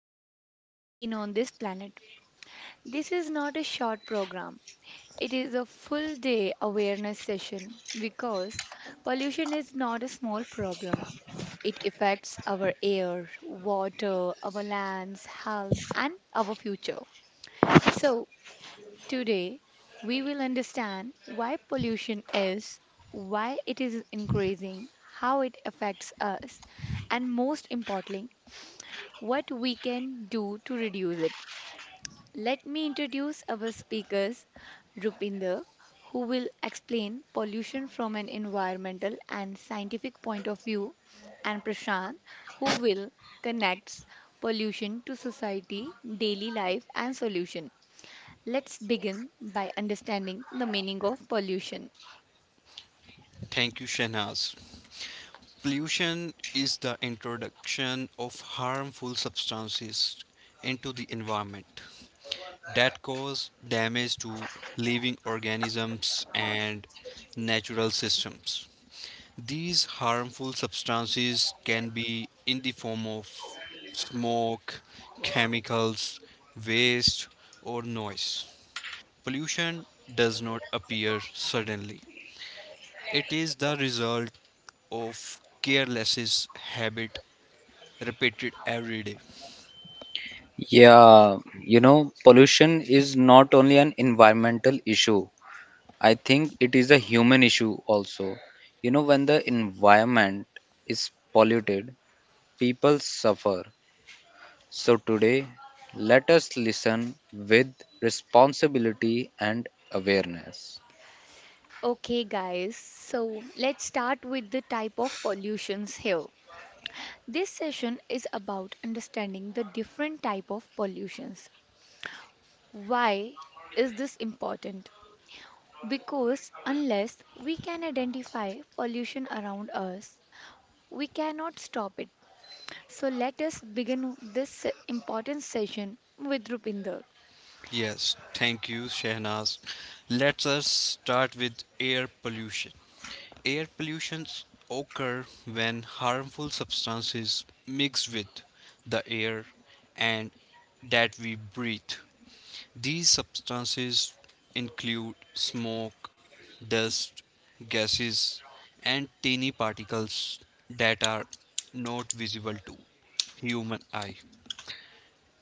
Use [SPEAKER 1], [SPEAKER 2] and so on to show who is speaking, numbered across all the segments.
[SPEAKER 1] living being on this planet. This is not a short program. It is a full day awareness session because pollution is not a small problem. It affects our air, water, our lands, health, and our future. So, today we will understand why pollution is, why it is increasing, how it affects us, and most importantly, what we can do to reduce it. Let me introduce our speakers, Rupinder, who will explain pollution from an environmental and scientific point of view, and Prashant, who will connect pollution to society, daily life, and solution. Let's begin by understanding the meaning of pollution.
[SPEAKER 2] Thank you, Shahnaz. Pollution is the introduction of harmful substances into the environment that cause damage to living organisms and natural systems. These harmful substances can be in the form of smoke, chemicals, waste, or noise. Pollution does not appear suddenly. It is the result of careless habit repeated every day.
[SPEAKER 3] Yeah, pollution is not only an environmental issue. I think it is a human issue also. When the environment is polluted, people suffer. So today, let us listen with responsibility and awareness.
[SPEAKER 1] Okay, guys, so let's start with the type of pollutions here. This session is about understanding the different type of pollutions. Why is this important? Because unless we can identify pollution around us, we cannot stop it. So let us begin this important session with Rupinder.
[SPEAKER 2] Yes, thank you, Shehnaz. Let us start with air pollution. Air pollutions occur when harmful substances mix with the air and that we breathe. These substances include smoke, dust, gases, and tiny particles that are not visible to human eye.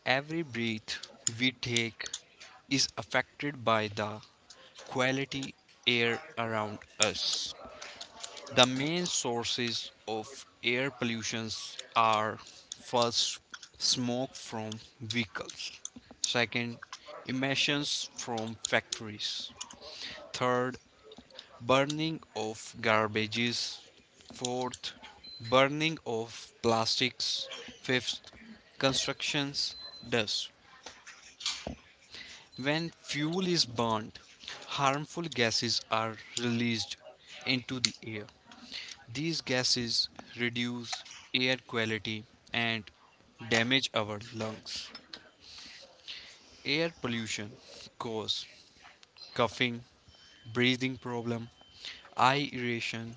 [SPEAKER 2] Every breath we take is affected by the quality air around us. The main sources of air pollution are, first, smoke from vehicles; second, emissions from factories; third, burning of garbages; fourth, burning of plastics; fifth, constructions, dust. When fuel is burned, harmful gases are released into the air. These gases reduce air quality and damage our lungs. Air pollution causes coughing, breathing problem, eye irritation,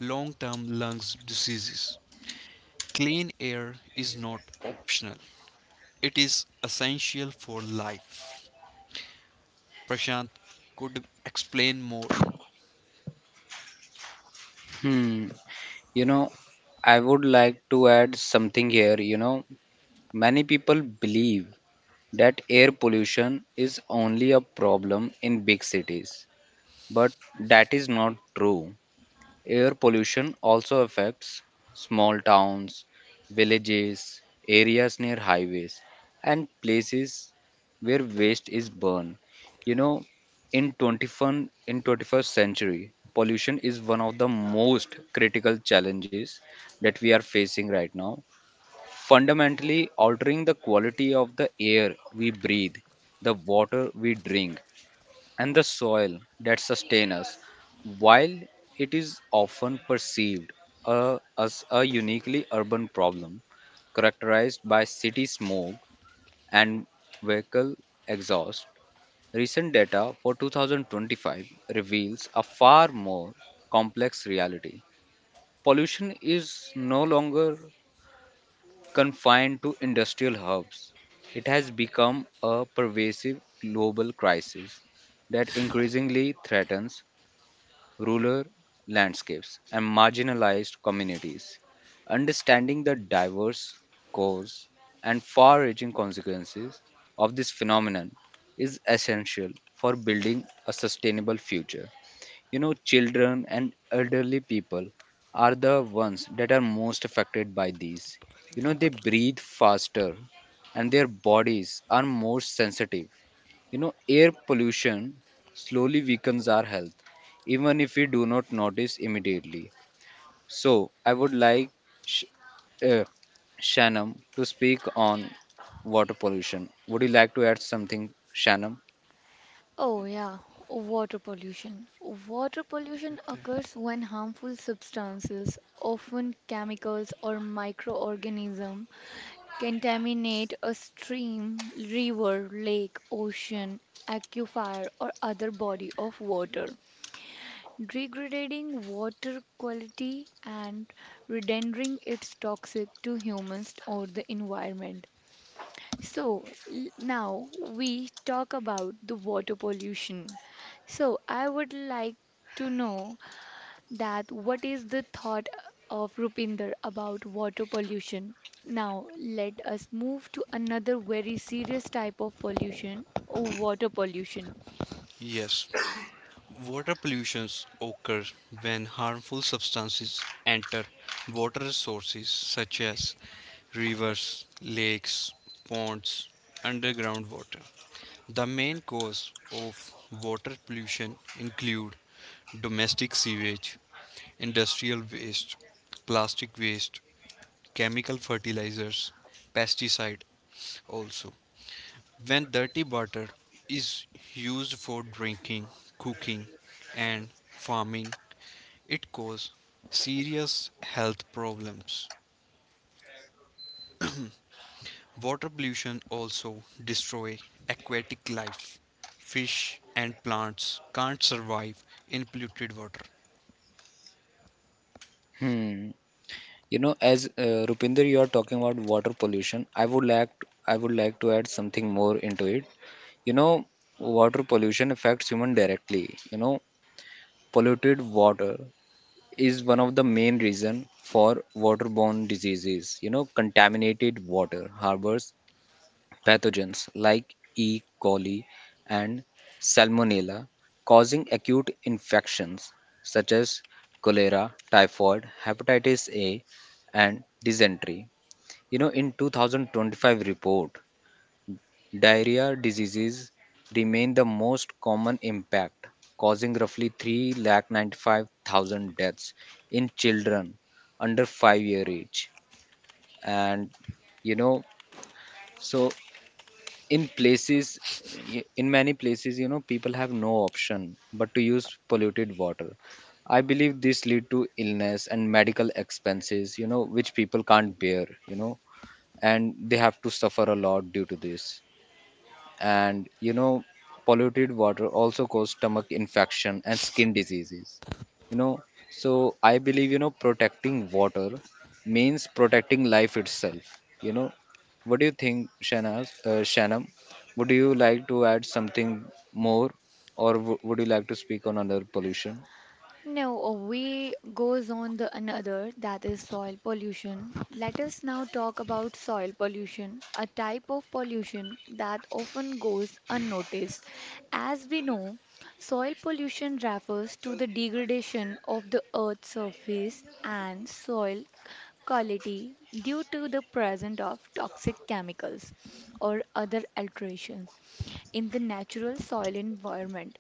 [SPEAKER 2] long-term lungs diseases. Clean air is not optional. It is essential for life. Prashant could explain more.
[SPEAKER 3] Hmm. You know, I would like to add something here. Many people believe that air pollution is only a problem in big cities. But that is not true. Air pollution also affects small towns, villages, areas near highways, and places where waste is burned. You know, in 21, in 21st century, pollution is one of the most critical challenges that we are facing right now. Fundamentally altering the quality of the air we breathe, the water we drink, and the soil that sustain us. While it is often perceived as a uniquely urban problem characterized by city smog and vehicle exhaust, recent data for 2025 reveals a far more complex reality. Pollution is no longer confined to industrial hubs. It has become a pervasive global crisis that increasingly threatens rural landscapes, and marginalized communities. Understanding the diverse cause and far reaching consequences of this phenomenon is essential for building a sustainable future. Children and elderly people are the ones that are most affected by these
[SPEAKER 2] I
[SPEAKER 3] you
[SPEAKER 2] think
[SPEAKER 3] know
[SPEAKER 2] यहाँ
[SPEAKER 3] They
[SPEAKER 2] पढ़ रहे हैं।
[SPEAKER 3] breathe faster and their bodies are more sensitive. Air pollution slowly weakens our health even if we do not notice immediately. So I would like sh- uh, Shanam to speak on water pollution. Would you like to add something, Shanam?
[SPEAKER 1] Oh, yeah, water pollution. Water
[SPEAKER 2] Right
[SPEAKER 1] pollution
[SPEAKER 2] there.
[SPEAKER 1] occurs when harmful substances, often chemicals or microorganisms, contaminate a stream, river, lake, ocean, aquifer, or other body of water, degrading water quality and rendering it toxic to humans or the environment. So now we talk about the water pollution. So I would like to know that what is the thought of Rupinder about water pollution? Now let us move to another very serious type of pollution, water pollution.
[SPEAKER 2] Yes, water pollution occurs when harmful substances enter water resources such as rivers, lakes, ponds, underground water. The main cause of water pollution include domestic sewage, industrial waste, plastic waste, chemical fertilizers, pesticide also. When dirty water is used for drinking, cooking, and farming, it causes serious health problems. Water pollution also destroys aquatic life. Fish and plants can't survive in polluted water.
[SPEAKER 3] Hmm. As Rupinder, you are talking about water pollution. I would like to add something more into it. You know, water pollution affects human directly. Polluted water is one of the main reason for waterborne diseases. Contaminated water harbors pathogens like E. coli and Salmonella, causing acute infections such as cholera, typhoid, hepatitis A, and dysentery. In 2025 report, diarrhea diseases remain the most common impact, causing roughly 3 lakh 95 thousand deaths in children under 5-year age. And you know, so in places, in many places, people have no option but to use polluted water. I believe this lead to illness and medical expenses, which people can't bear, you know and they have to suffer a lot due to this. And polluted water also cause stomach infection and skin diseases. You know so I believe protecting water means protecting life itself. You know what do you think, Shanaz? Shanam, would you like to add something more, or would you like to speak on another pollution?
[SPEAKER 1] No, we goes on the another that is soil pollution. Let us now talk about soil pollution, a type of pollution that often goes unnoticed. As we know, soil pollution refers to the degradation of the earth's surface and soil quality due to the presence of toxic chemicals or other alterations in the natural soil environment.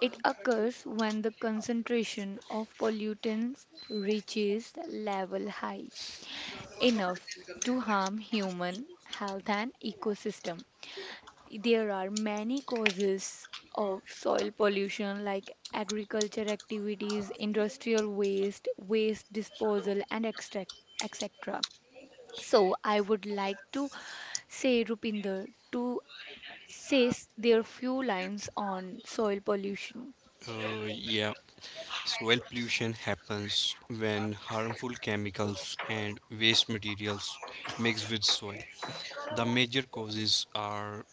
[SPEAKER 1] It occurs when the concentration of pollutants reaches the level high enough to harm human health and ecosystem. There are many causes of soil pollution like agriculture activities, industrial waste, waste disposal and extract etc. So I would like to say Rupinder to says their few lines on soil pollution.
[SPEAKER 2] Yeah, soil pollution happens when harmful chemicals and waste materials mix with soil. The major causes are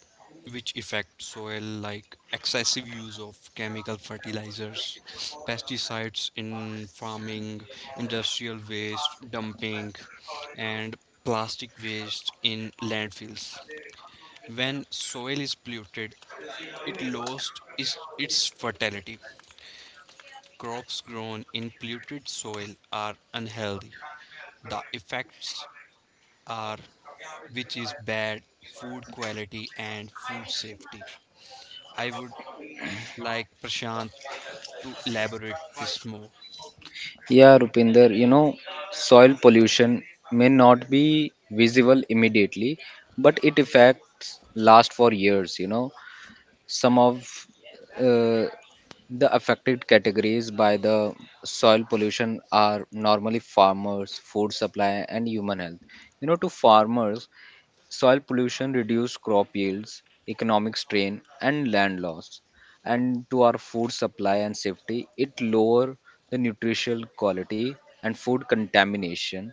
[SPEAKER 2] which affect soil like excessive use of chemical fertilizers, pesticides in farming, industrial waste dumping and plastic waste in landfills. When soil is polluted, it lost is, its fertility. Crops grown in polluted soil are unhealthy. The effects are which is bad food quality and food safety. I would like Prashant to elaborate this more.
[SPEAKER 3] Yeah, Rupinder, soil pollution may not be visible immediately, but it effects last for years. Some of uh, the affected categories by the soil pollution are normally farmers, food supply, and human health. To farmers, soil pollution reduces crop yields, economic strain, and land loss. And to our food supply and safety, it lower the nutritional quality and food contamination.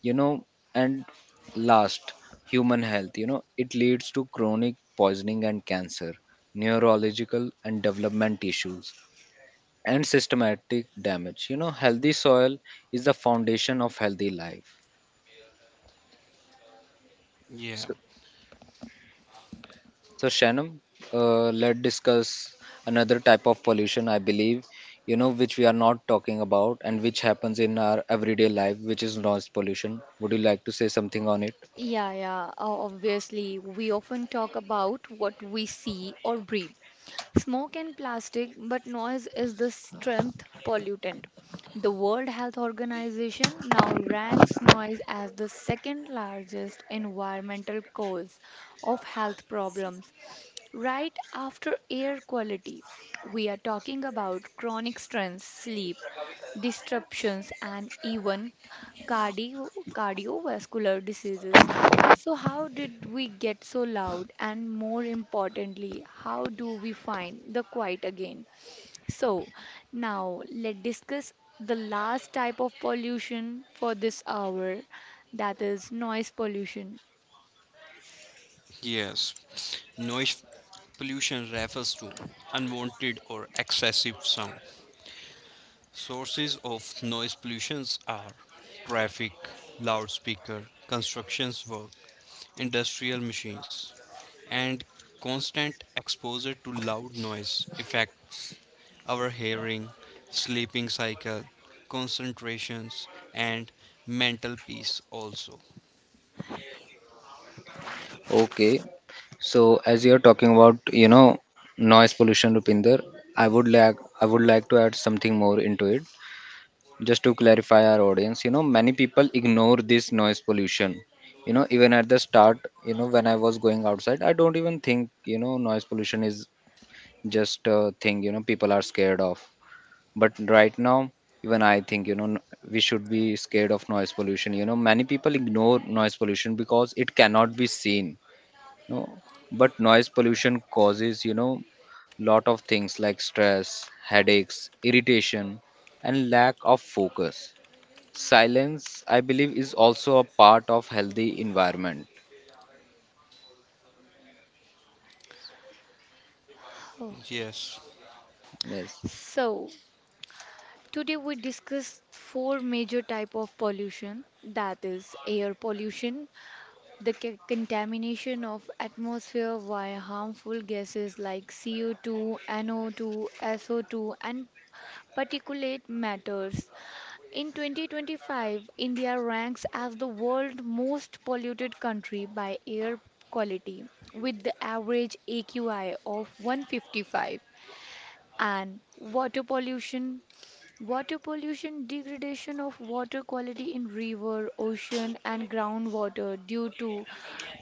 [SPEAKER 3] You know, and last, human health. It leads to chronic poisoning and cancer, neurological and development issues, and systematic damage. You know, healthy soil is the foundation of healthy life.
[SPEAKER 2] Yeah,
[SPEAKER 3] So, So, Shannon, let's discuss another type of pollution, I believe, which we are not talking about and which happens in our everyday life, which is noise pollution. Would you like to say something on it?
[SPEAKER 1] Yeah, yeah, obviously, we often talk about what we see or breathe. Smoke and plastic, but noise is the strength pollutant. The World Health Organization now ranks noise as the second largest environmental cause of health problems, right after air quality. We are talking about chronic stress, sleep disruptions, and even cardiovascular diseases. So, how did we get so loud? And more importantly, how do we find the quiet again? So, now let's discuss the last type of pollution for this hour, that is noise pollution.
[SPEAKER 2] yes. Noise pollution refers to unwanted or excessive sound. Sources of noise pollutions are traffic, loudspeaker, constructions work, industrial machines, and constant exposure to loud noise affects our hearing, sleeping cycle, concentrations, and mental peace also.
[SPEAKER 3] Okay. So, as you're talking about, noise pollution, Rupinder, I would like to add something more into it. Just to clarify our audience, many people ignore this noise pollution. Even at the start, when I was going outside, I don't even think, noise pollution is just a thing people are scared of. But right now, even I think we should be scared of noise pollution. You know many people ignore noise pollution because it cannot be seen. No, but noise pollution causes lot of things like stress, headaches, irritation, and lack of focus. Silence, I believe, is also a part of healthy environment.
[SPEAKER 1] Oh.
[SPEAKER 2] Yes.
[SPEAKER 3] Yes.
[SPEAKER 1] So, today we discuss four major type of pollution, that is air pollution, the contamination of atmosphere via harmful gases like CO2, NO2, SO2 and particulate matters. In 2025, India ranks as the world's most polluted country by air quality with the average AQI of 155. And water pollution, water pollution degradation of water quality in river ocean and groundwater due to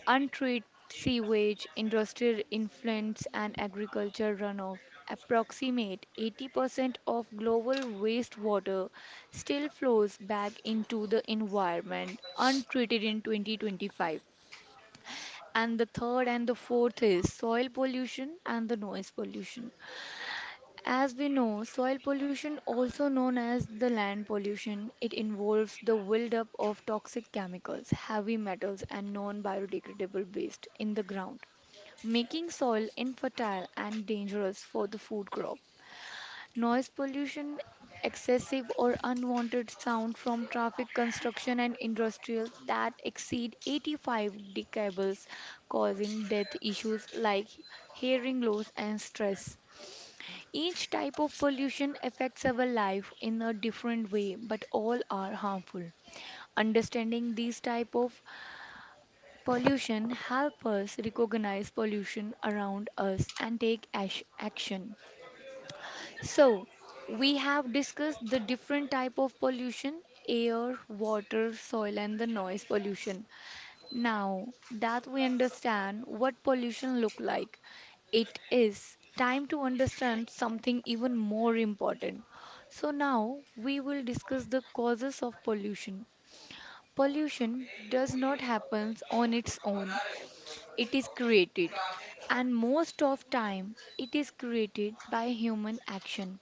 [SPEAKER 1] untreated sewage industrial influence and agriculture runoff. Approximate 80% of global wastewater still flows back into the environment untreated in 2025. And the third and the fourth is soil pollution and the noise pollution. As we know, soil pollution, also known as the land pollution, it involves the buildup of toxic chemicals, heavy metals, and non-biodegradable waste in the ground, making soil infertile and dangerous for the food crop. Noise pollution, excessive or unwanted sound from traffic, construction, and industrial that exceed 85 decibels, causing death issues like hearing loss and stress. Each type of pollution affects our life in a different way, but all are harmful. Understanding these type of pollution help us recognize pollution around us and take action. So, we have discussed the different type of pollution, air water soil and the noise pollution. Now that we understand what pollution look like, it is time to understand something even more important. So now we will discuss the causes of pollution. Pollution does not happen on its own. It is created, and most of time it is created by human action.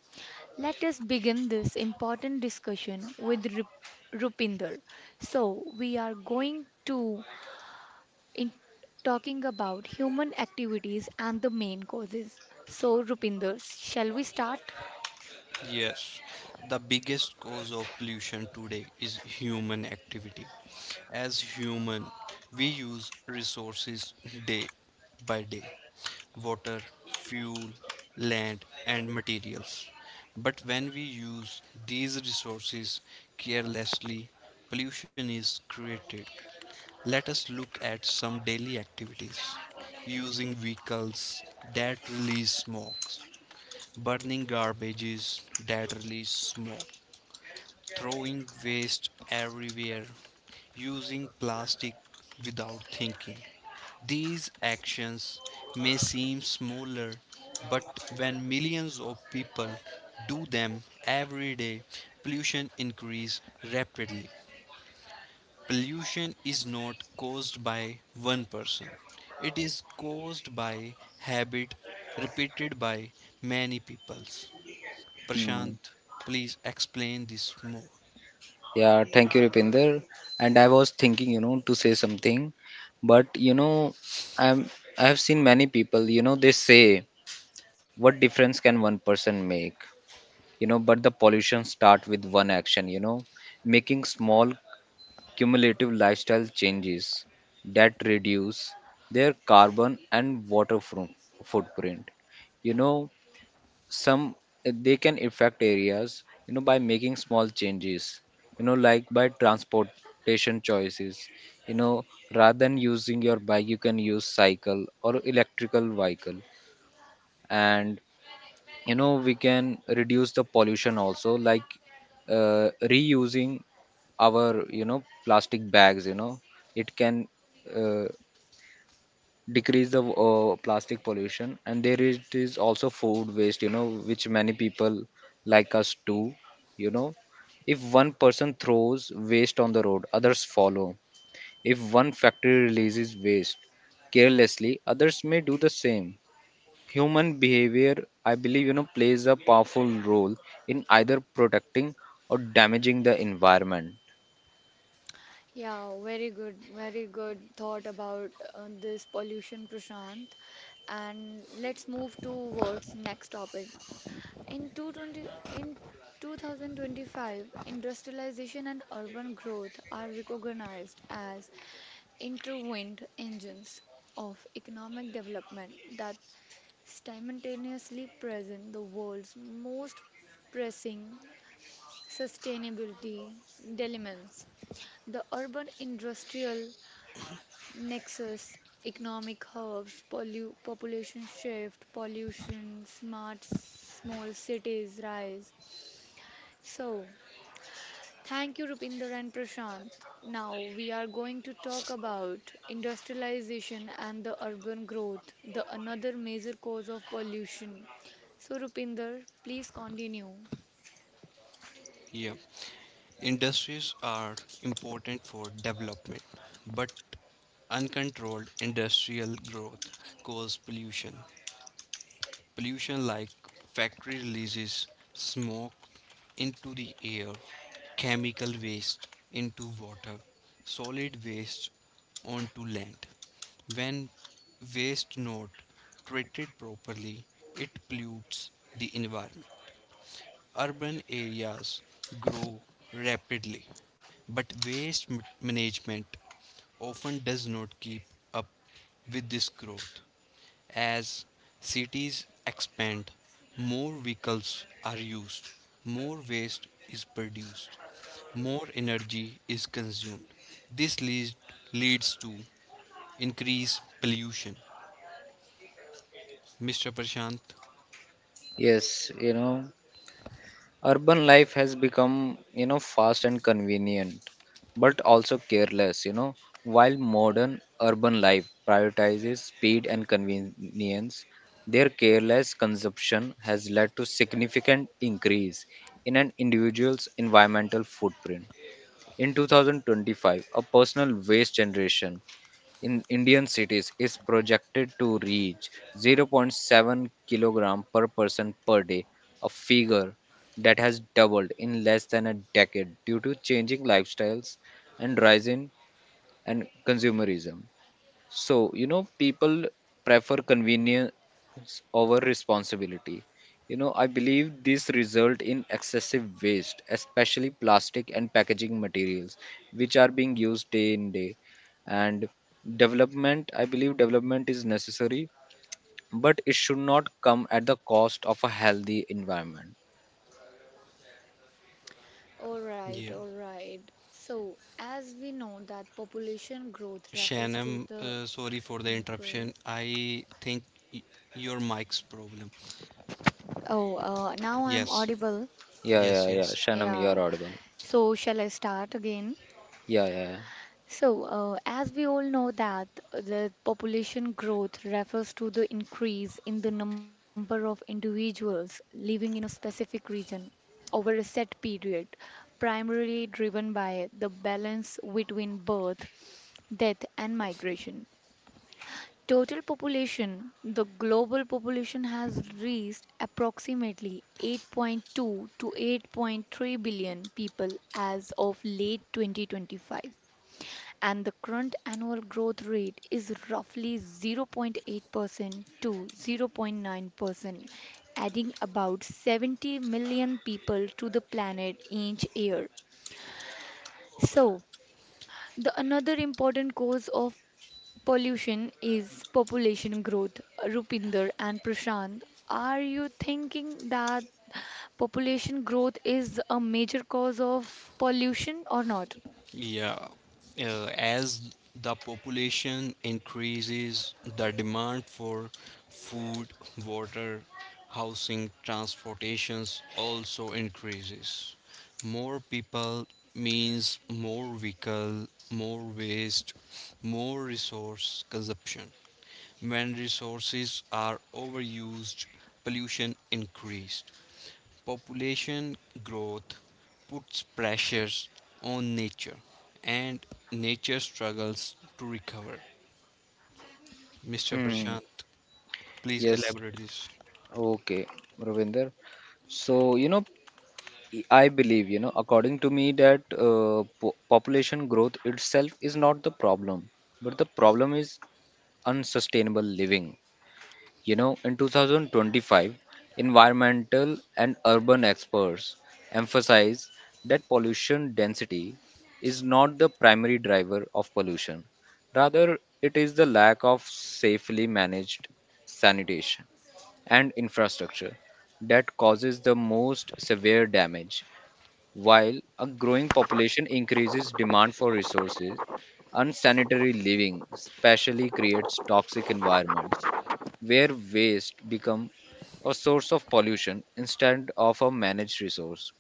[SPEAKER 1] Let us begin this important discussion with Rupinder. So we are going to in talking about human activities and the main causes. So, Rupinder, shall we start?
[SPEAKER 2] Yes, the biggest cause of pollution today is human activity. As human, we use resources day by day: water, fuel, land, and materials. But when we use these resources carelessly, pollution is created. Let us look at some daily activities: using vehicles that release smog, burning garbages that release smoke, throwing waste everywhere, using plastic without thinking. These actions may seem smaller, but when millions of people do them every day, pollution increase rapidly. Pollution is not caused by one person. It is caused by habit repeated by many peoples.
[SPEAKER 3] Hmm.
[SPEAKER 2] Prashant, please explain this more.
[SPEAKER 3] Yeah, thank you, Rupinder. And I was thinking, to say something, but I'm I have seen many people, they say, what difference can one person make? But the pollution start with one action, making small cumulative lifestyle changes that reduce their carbon and water footprint. You know, some they can affect areas by making small changes like by transportation choices, you know rather than using your bike you can use cycle or electrical vehicle. And we can reduce the pollution also like reusing our plastic bags. You know it can uh, decrease the plastic pollution. And it is also food waste which many people like us do. you know if one person throws waste on the road, others follow. If one factory releases waste carelessly, others may do the same. Human behavior, I believe, plays a powerful role in either protecting or damaging the environment.
[SPEAKER 1] Yeah, very good, very good thought about this pollution, Prashant. And let's move towards next topic. In 2025, industrialization and urban growth are recognized as intertwined engines of economic development that simultaneously present the world's most pressing sustainability dilemmas. The urban industrial nexus, economic hubs, population shift, pollution, smart small cities rise. So, thank you, Rupinder and Prashant. Now we are going to talk about industrialization and the urban growth, the another major cause of pollution. So, Rupinder, please continue.
[SPEAKER 2] Yeah, industries are important for development, but uncontrolled industrial growth causes pollution. Pollution like factory releases smoke into the air, chemical waste into water, solid waste onto land. When waste not treated properly, it pollutes the environment. Urban areas grow rapidly, but waste management often does not keep up with this growth. As cities expand, more vehicles are used, more waste is produced, more energy is consumed. This leads to increased pollution. Mr. Prashant?
[SPEAKER 3] Yes. Urban life has become fast and convenient but also careless. While modern urban life prioritizes speed and convenience, their careless consumption has led to significant increase in an individual's environmental footprint. In 2025, a personal waste generation in Indian cities is projected to reach zero point 0.7 kilogram per person per day, a figure that has doubled in less than a decade due to changing lifestyles and rise in and consumerism. So, people prefer convenience over responsibility. I believe this result in excessive waste, especially plastic and packaging materials, which are being used day in day. And development, I believe development is necessary, but it should not come at the cost of a healthy environment.
[SPEAKER 1] All right,
[SPEAKER 2] Yeah.
[SPEAKER 1] all right. So, as we know that population growth
[SPEAKER 2] Shan,
[SPEAKER 1] refers to the
[SPEAKER 2] sorry for the interruption.
[SPEAKER 1] increase.
[SPEAKER 2] I think y- your mic's problem.
[SPEAKER 1] Oh, now I'm
[SPEAKER 2] Yes,
[SPEAKER 1] audible.
[SPEAKER 3] Yeah,
[SPEAKER 2] yes,
[SPEAKER 3] yeah, yeah.
[SPEAKER 2] yes.
[SPEAKER 3] Shanam, you are
[SPEAKER 1] Yeah.
[SPEAKER 3] audible.
[SPEAKER 1] So, shall I start again?
[SPEAKER 3] Yeah, yeah, yeah.
[SPEAKER 1] So, as we all know that the population growth refers to the increase in the number of individuals living in a specific region over a set period, primarily driven by the balance between birth, death, and migration. Total population, the global population has reached approximately 8.2 to 8.3 billion people as of late 2025. And the current annual growth rate is roughly 0.8% to 0.9%, adding about 70 million people to the planet each year. So, the another important cause of pollution is population growth. Rupinder and Prashant, are you thinking that population growth is a major cause of pollution or not?
[SPEAKER 2] Yeah, as the population increases, the demand for food, water, housing, transportations also increases. More people means more vehicle, more waste, more resource consumption. When resources are overused, pollution increased. Population growth puts pressures on nature, and nature struggles to recover. Mr.
[SPEAKER 3] Hmm.
[SPEAKER 2] Prashant, please
[SPEAKER 3] Yes.
[SPEAKER 2] elaborate this.
[SPEAKER 3] Okay, Ravinder. So, I believe, according to me, that population growth itself is not the problem, but the problem is unsustainable living. In 2025, environmental and urban experts emphasize that pollution density is not the primary driver of pollution. Rather, it is the lack of safely managed sanitation and infrastructure that causes the most severe damage, while a growing population increases demand for resources. Unsanitary living especially creates toxic environments where waste become a source of pollution instead of a managed resource.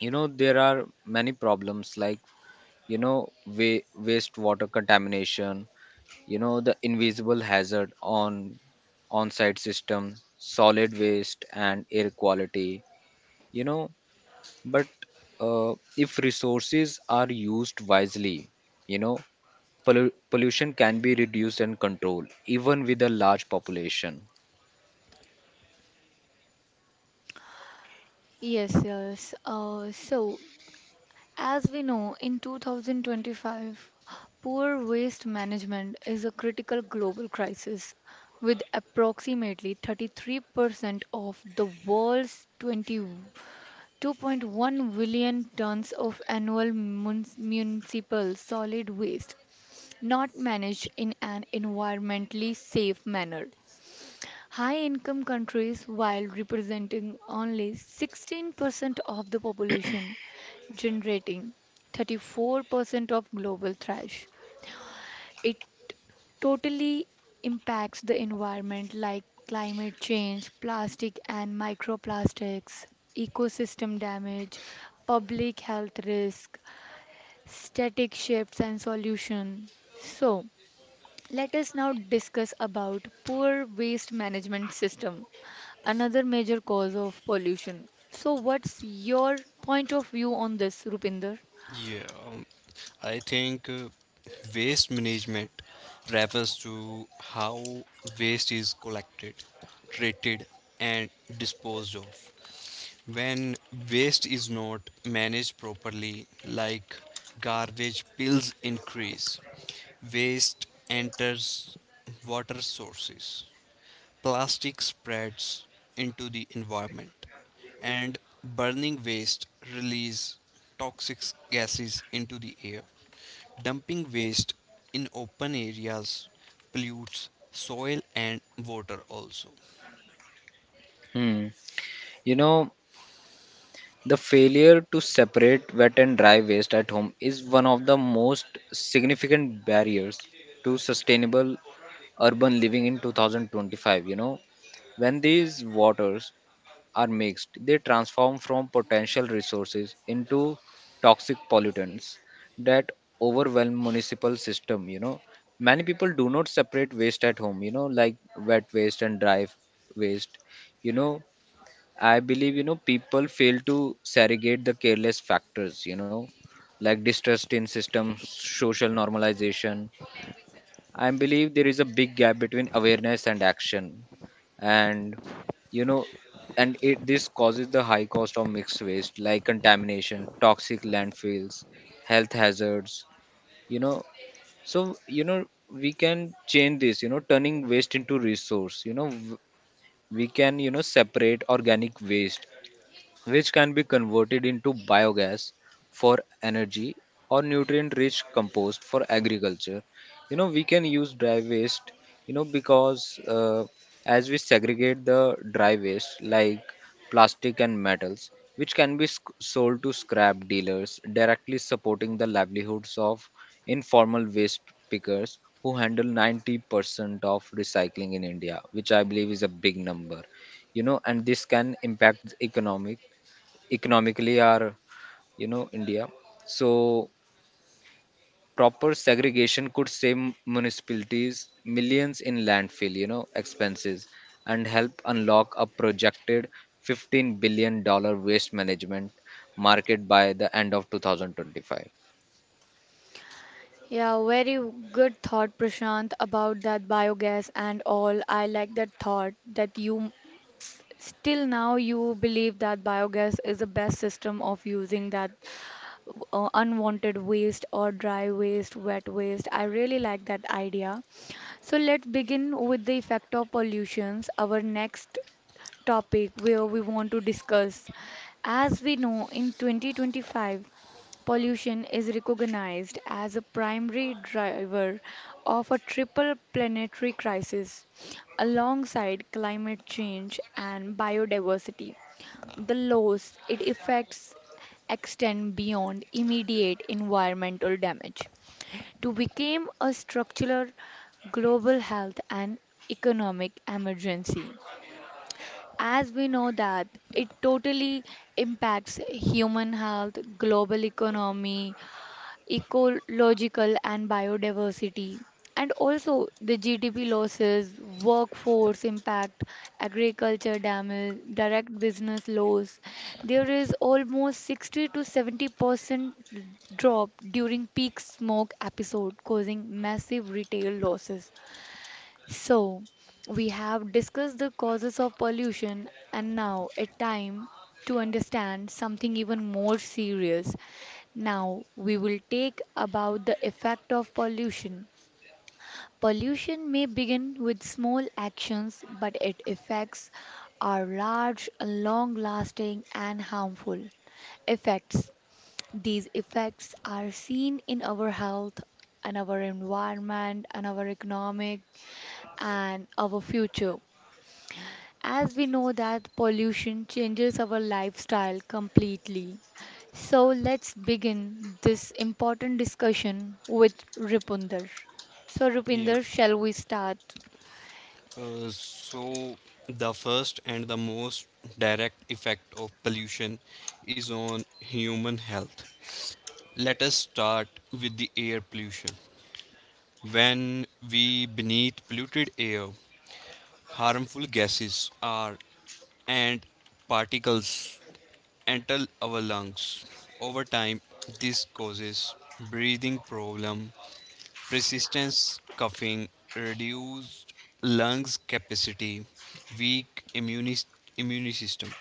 [SPEAKER 3] There are many problems like, wastewater contamination, the invisible hazard on on-site system, solid waste and air quality, you know, but if resources are used wisely, you know pollution can be reduced and controlled even with a large population.
[SPEAKER 1] Yes, yes. So as we know, in 2025, poor waste management is a critical global crisis, with approximately 33% of the world's 22.1 billion tons of annual municipal solid waste not managed in an environmentally safe manner. High income countries, while representing only 16% of the population, generating 34% of global trash. It totally impacts the environment like climate change, plastic and microplastics, ecosystem damage, public health risk, static shifts and solution. So, let us now discuss about poor waste management system, another major cause of pollution. So what's your point of view on this, Rupinder?
[SPEAKER 2] Yeah, um, I think waste management refers to how waste is collected, treated, and disposed of. When waste is not managed properly, like garbage bills increase, waste enters water sources, plastic spreads into the environment and burning waste release toxic gases into the air. Dumping waste in open areas pollutes soil and water also.
[SPEAKER 3] Hmm. You know, the failure to separate wet and dry waste at home is one of the most significant barriers to sustainable urban living in 2025. When these waters are mixed, they transform from potential resources into toxic pollutants that overwhelm municipal system. Many people do not separate waste at home, like wet waste and dry waste. you know I believe people fail to segregate the careless factors, like distrust in systems, social normalization. I believe there is a big gap between awareness and action. And you know and it this causes the high cost of mixed waste like contamination, toxic landfills, health hazards. you know so you know we can change this, turning waste into resource. We can separate organic waste, which can be converted into biogas for energy or nutrient rich compost for agriculture. We can use dry waste because as we segregate the dry waste like plastic and metals which can be sold to scrap dealers, directly supporting the livelihoods of informal waste pickers who handle 90% of recycling in India, which I believe is a big number. And this can impact economically are India. So proper segregation could save municipalities millions in landfill expenses and help unlock a projected $15 billion waste management market by the end of 2025.
[SPEAKER 1] Yeah, very good thought, Prashant, about that biogas and all. I like that thought that you still now you believe that biogas is the best system of using that unwanted waste or dry waste, wet waste. I really like that idea. So let's begin with the effect of pollutions, our next topic where we want to discuss. As we know, in 2025, pollution is recognized as a primary driver of a triple planetary crisis alongside climate change and biodiversity. The loss it affects extend beyond immediate environmental damage to become a structural global health and economic emergency. As we know that it totally impacts human health, global economy, ecological and biodiversity, and also the GDP losses, workforce impact, agriculture damage, direct business loss. There is almost 60 to 70% drop during peak smoke episode, causing massive retail losses. So, we have discussed the causes of pollution, and now it's time to understand something even more serious. Now, we will take about the effect of pollution. Pollution may begin with small actions, but its effects are large, long lasting, and harmful. Effects These effects are seen in our health, and our environment, and our economic and our future. As we know that pollution changes our lifestyle completely. So let's begin this important discussion with Rupinder. So
[SPEAKER 2] Yeah.
[SPEAKER 1] Rupinder, shall we start?
[SPEAKER 2] So the first and the most direct effect of pollution is on human health. Let us start with the air pollution. When we beneath polluted air, harmful gases are and particles enter our lungs. Over time, this causes breathing problem, persistence coughing, reduced lungs capacity, weak immune, immune system.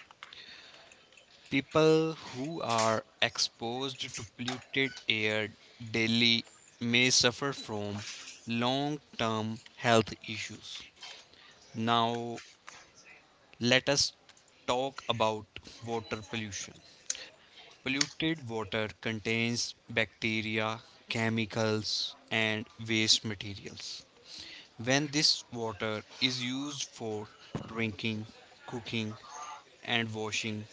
[SPEAKER 2] People who are exposed to polluted air daily may suffer from long term health issues. Now, let us talk about water pollution. Polluted water contains bacteria, chemicals, and waste materials. When this water is used for drinking, cooking, and washing,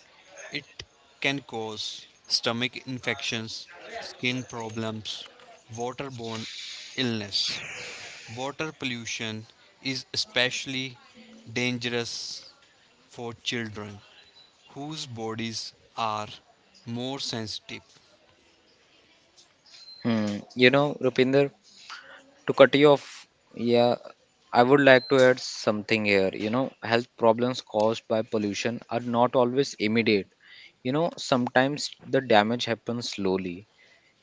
[SPEAKER 2] it can cause stomach infections, skin problems, waterborne illness. Water pollution is especially dangerous for children whose bodies are more sensitive.
[SPEAKER 3] Hmm. Rupinder, to cut you off, yeah, I would like to add something here. Health problems caused by pollution are not always immediate. Sometimes the damage happens slowly.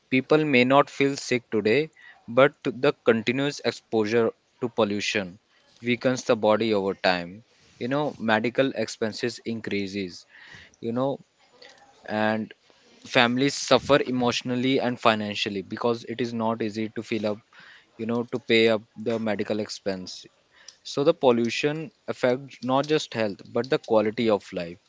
[SPEAKER 3] People may not feel sick today, but the continuous exposure to pollution weakens the body over time. Medical expenses increases. You know, and families suffer emotionally and financially because it is not easy to fill up, to pay up the medical expense. So the pollution affects not just health but the quality of life.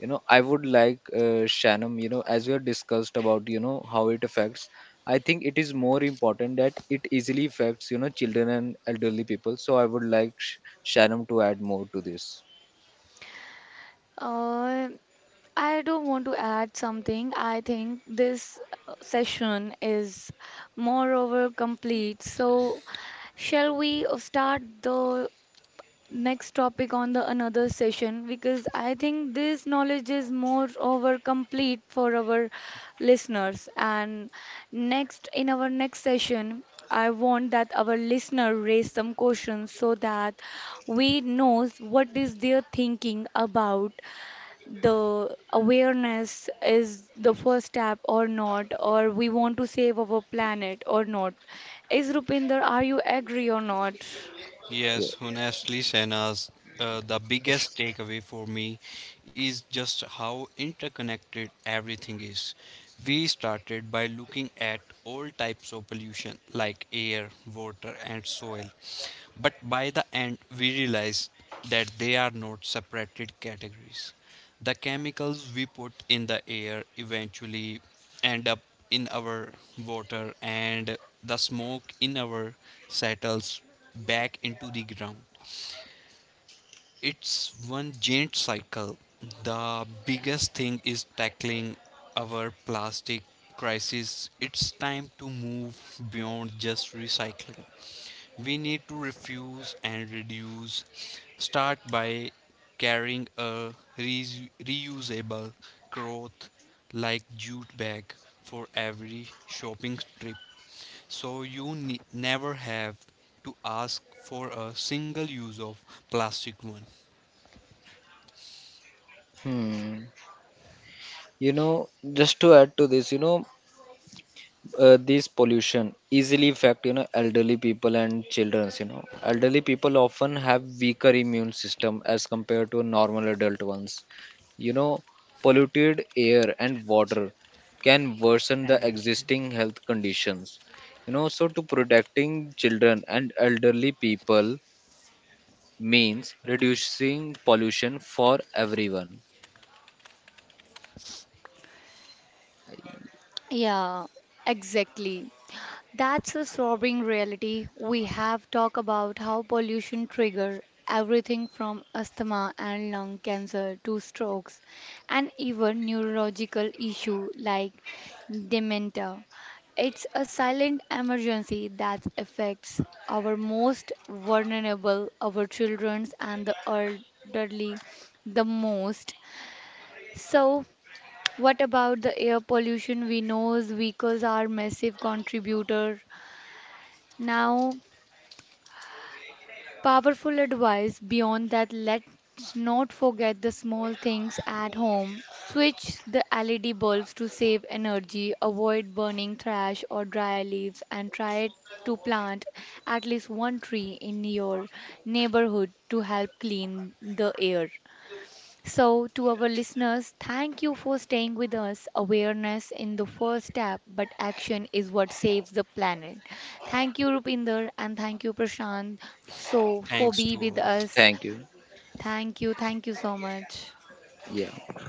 [SPEAKER 3] I would like Shannon, as we have discussed about how it affects. I think it is more important that it easily affects children and elderly people. So I would like Shannon to add more to this.
[SPEAKER 1] Uh, I do not want to add something. I think this session is moreover complete. So, shall we start the next topic on the another session because I think this knowledge is more over complete for our listeners. And next in our next session, I want that our listener raise some questions so that we knows what is their thinking about the awareness is the first step or not, or we want to save our planet or not. Is Rupinder, are you agree or not?
[SPEAKER 3] Yeah.
[SPEAKER 2] Yes, honestly, Senas, the biggest takeaway for me is just how interconnected everything is. We started by looking at all types of pollution like air, water, and soil, but by the end, we realized that they are not separated categories. The chemicals we put in the air eventually end up in our water, and the smoke in our settles back into the ground. It's one giant cycle. The biggest thing is tackling our plastic crisis. It's time to move beyond just recycling. We need to refuse and reduce. Start by carrying a reusable cloth like jute bag for every shopping trip so you never have to ask for a single use of plastic one.
[SPEAKER 3] Hmm. You know, just to add to this, this pollution easily affect elderly people and childrens. Elderly people often have weaker immune system as compared to normal adult ones. you know Polluted air and water can worsen the existing health conditions. So to protecting children and elderly people means reducing pollution for everyone.
[SPEAKER 1] Yeah, exactly. That's a sobering reality. We have talked about how pollution trigger everything from asthma and lung cancer to strokes and even neurological issue like dementia. It's a silent emergency that affects our most vulnerable, our children and the elderly the most. So what about the air pollution? We know vehicles are massive contributor. Now, powerful advice beyond that, let's not forget the small things at home. Switch the LED bulbs to save energy, avoid burning trash or dry leaves, and try to plant at least one tree in your neighborhood to help clean the air. So, to our listeners, thank you for staying with us. Awareness in the first step, but action is what saves the planet. Thank you, Rupinder, and thank you, Prashant, so for
[SPEAKER 2] Thanks
[SPEAKER 1] be
[SPEAKER 2] to
[SPEAKER 1] with
[SPEAKER 2] all.
[SPEAKER 1] us.
[SPEAKER 3] Thank you.
[SPEAKER 1] Thank you so much.
[SPEAKER 3] Yeah.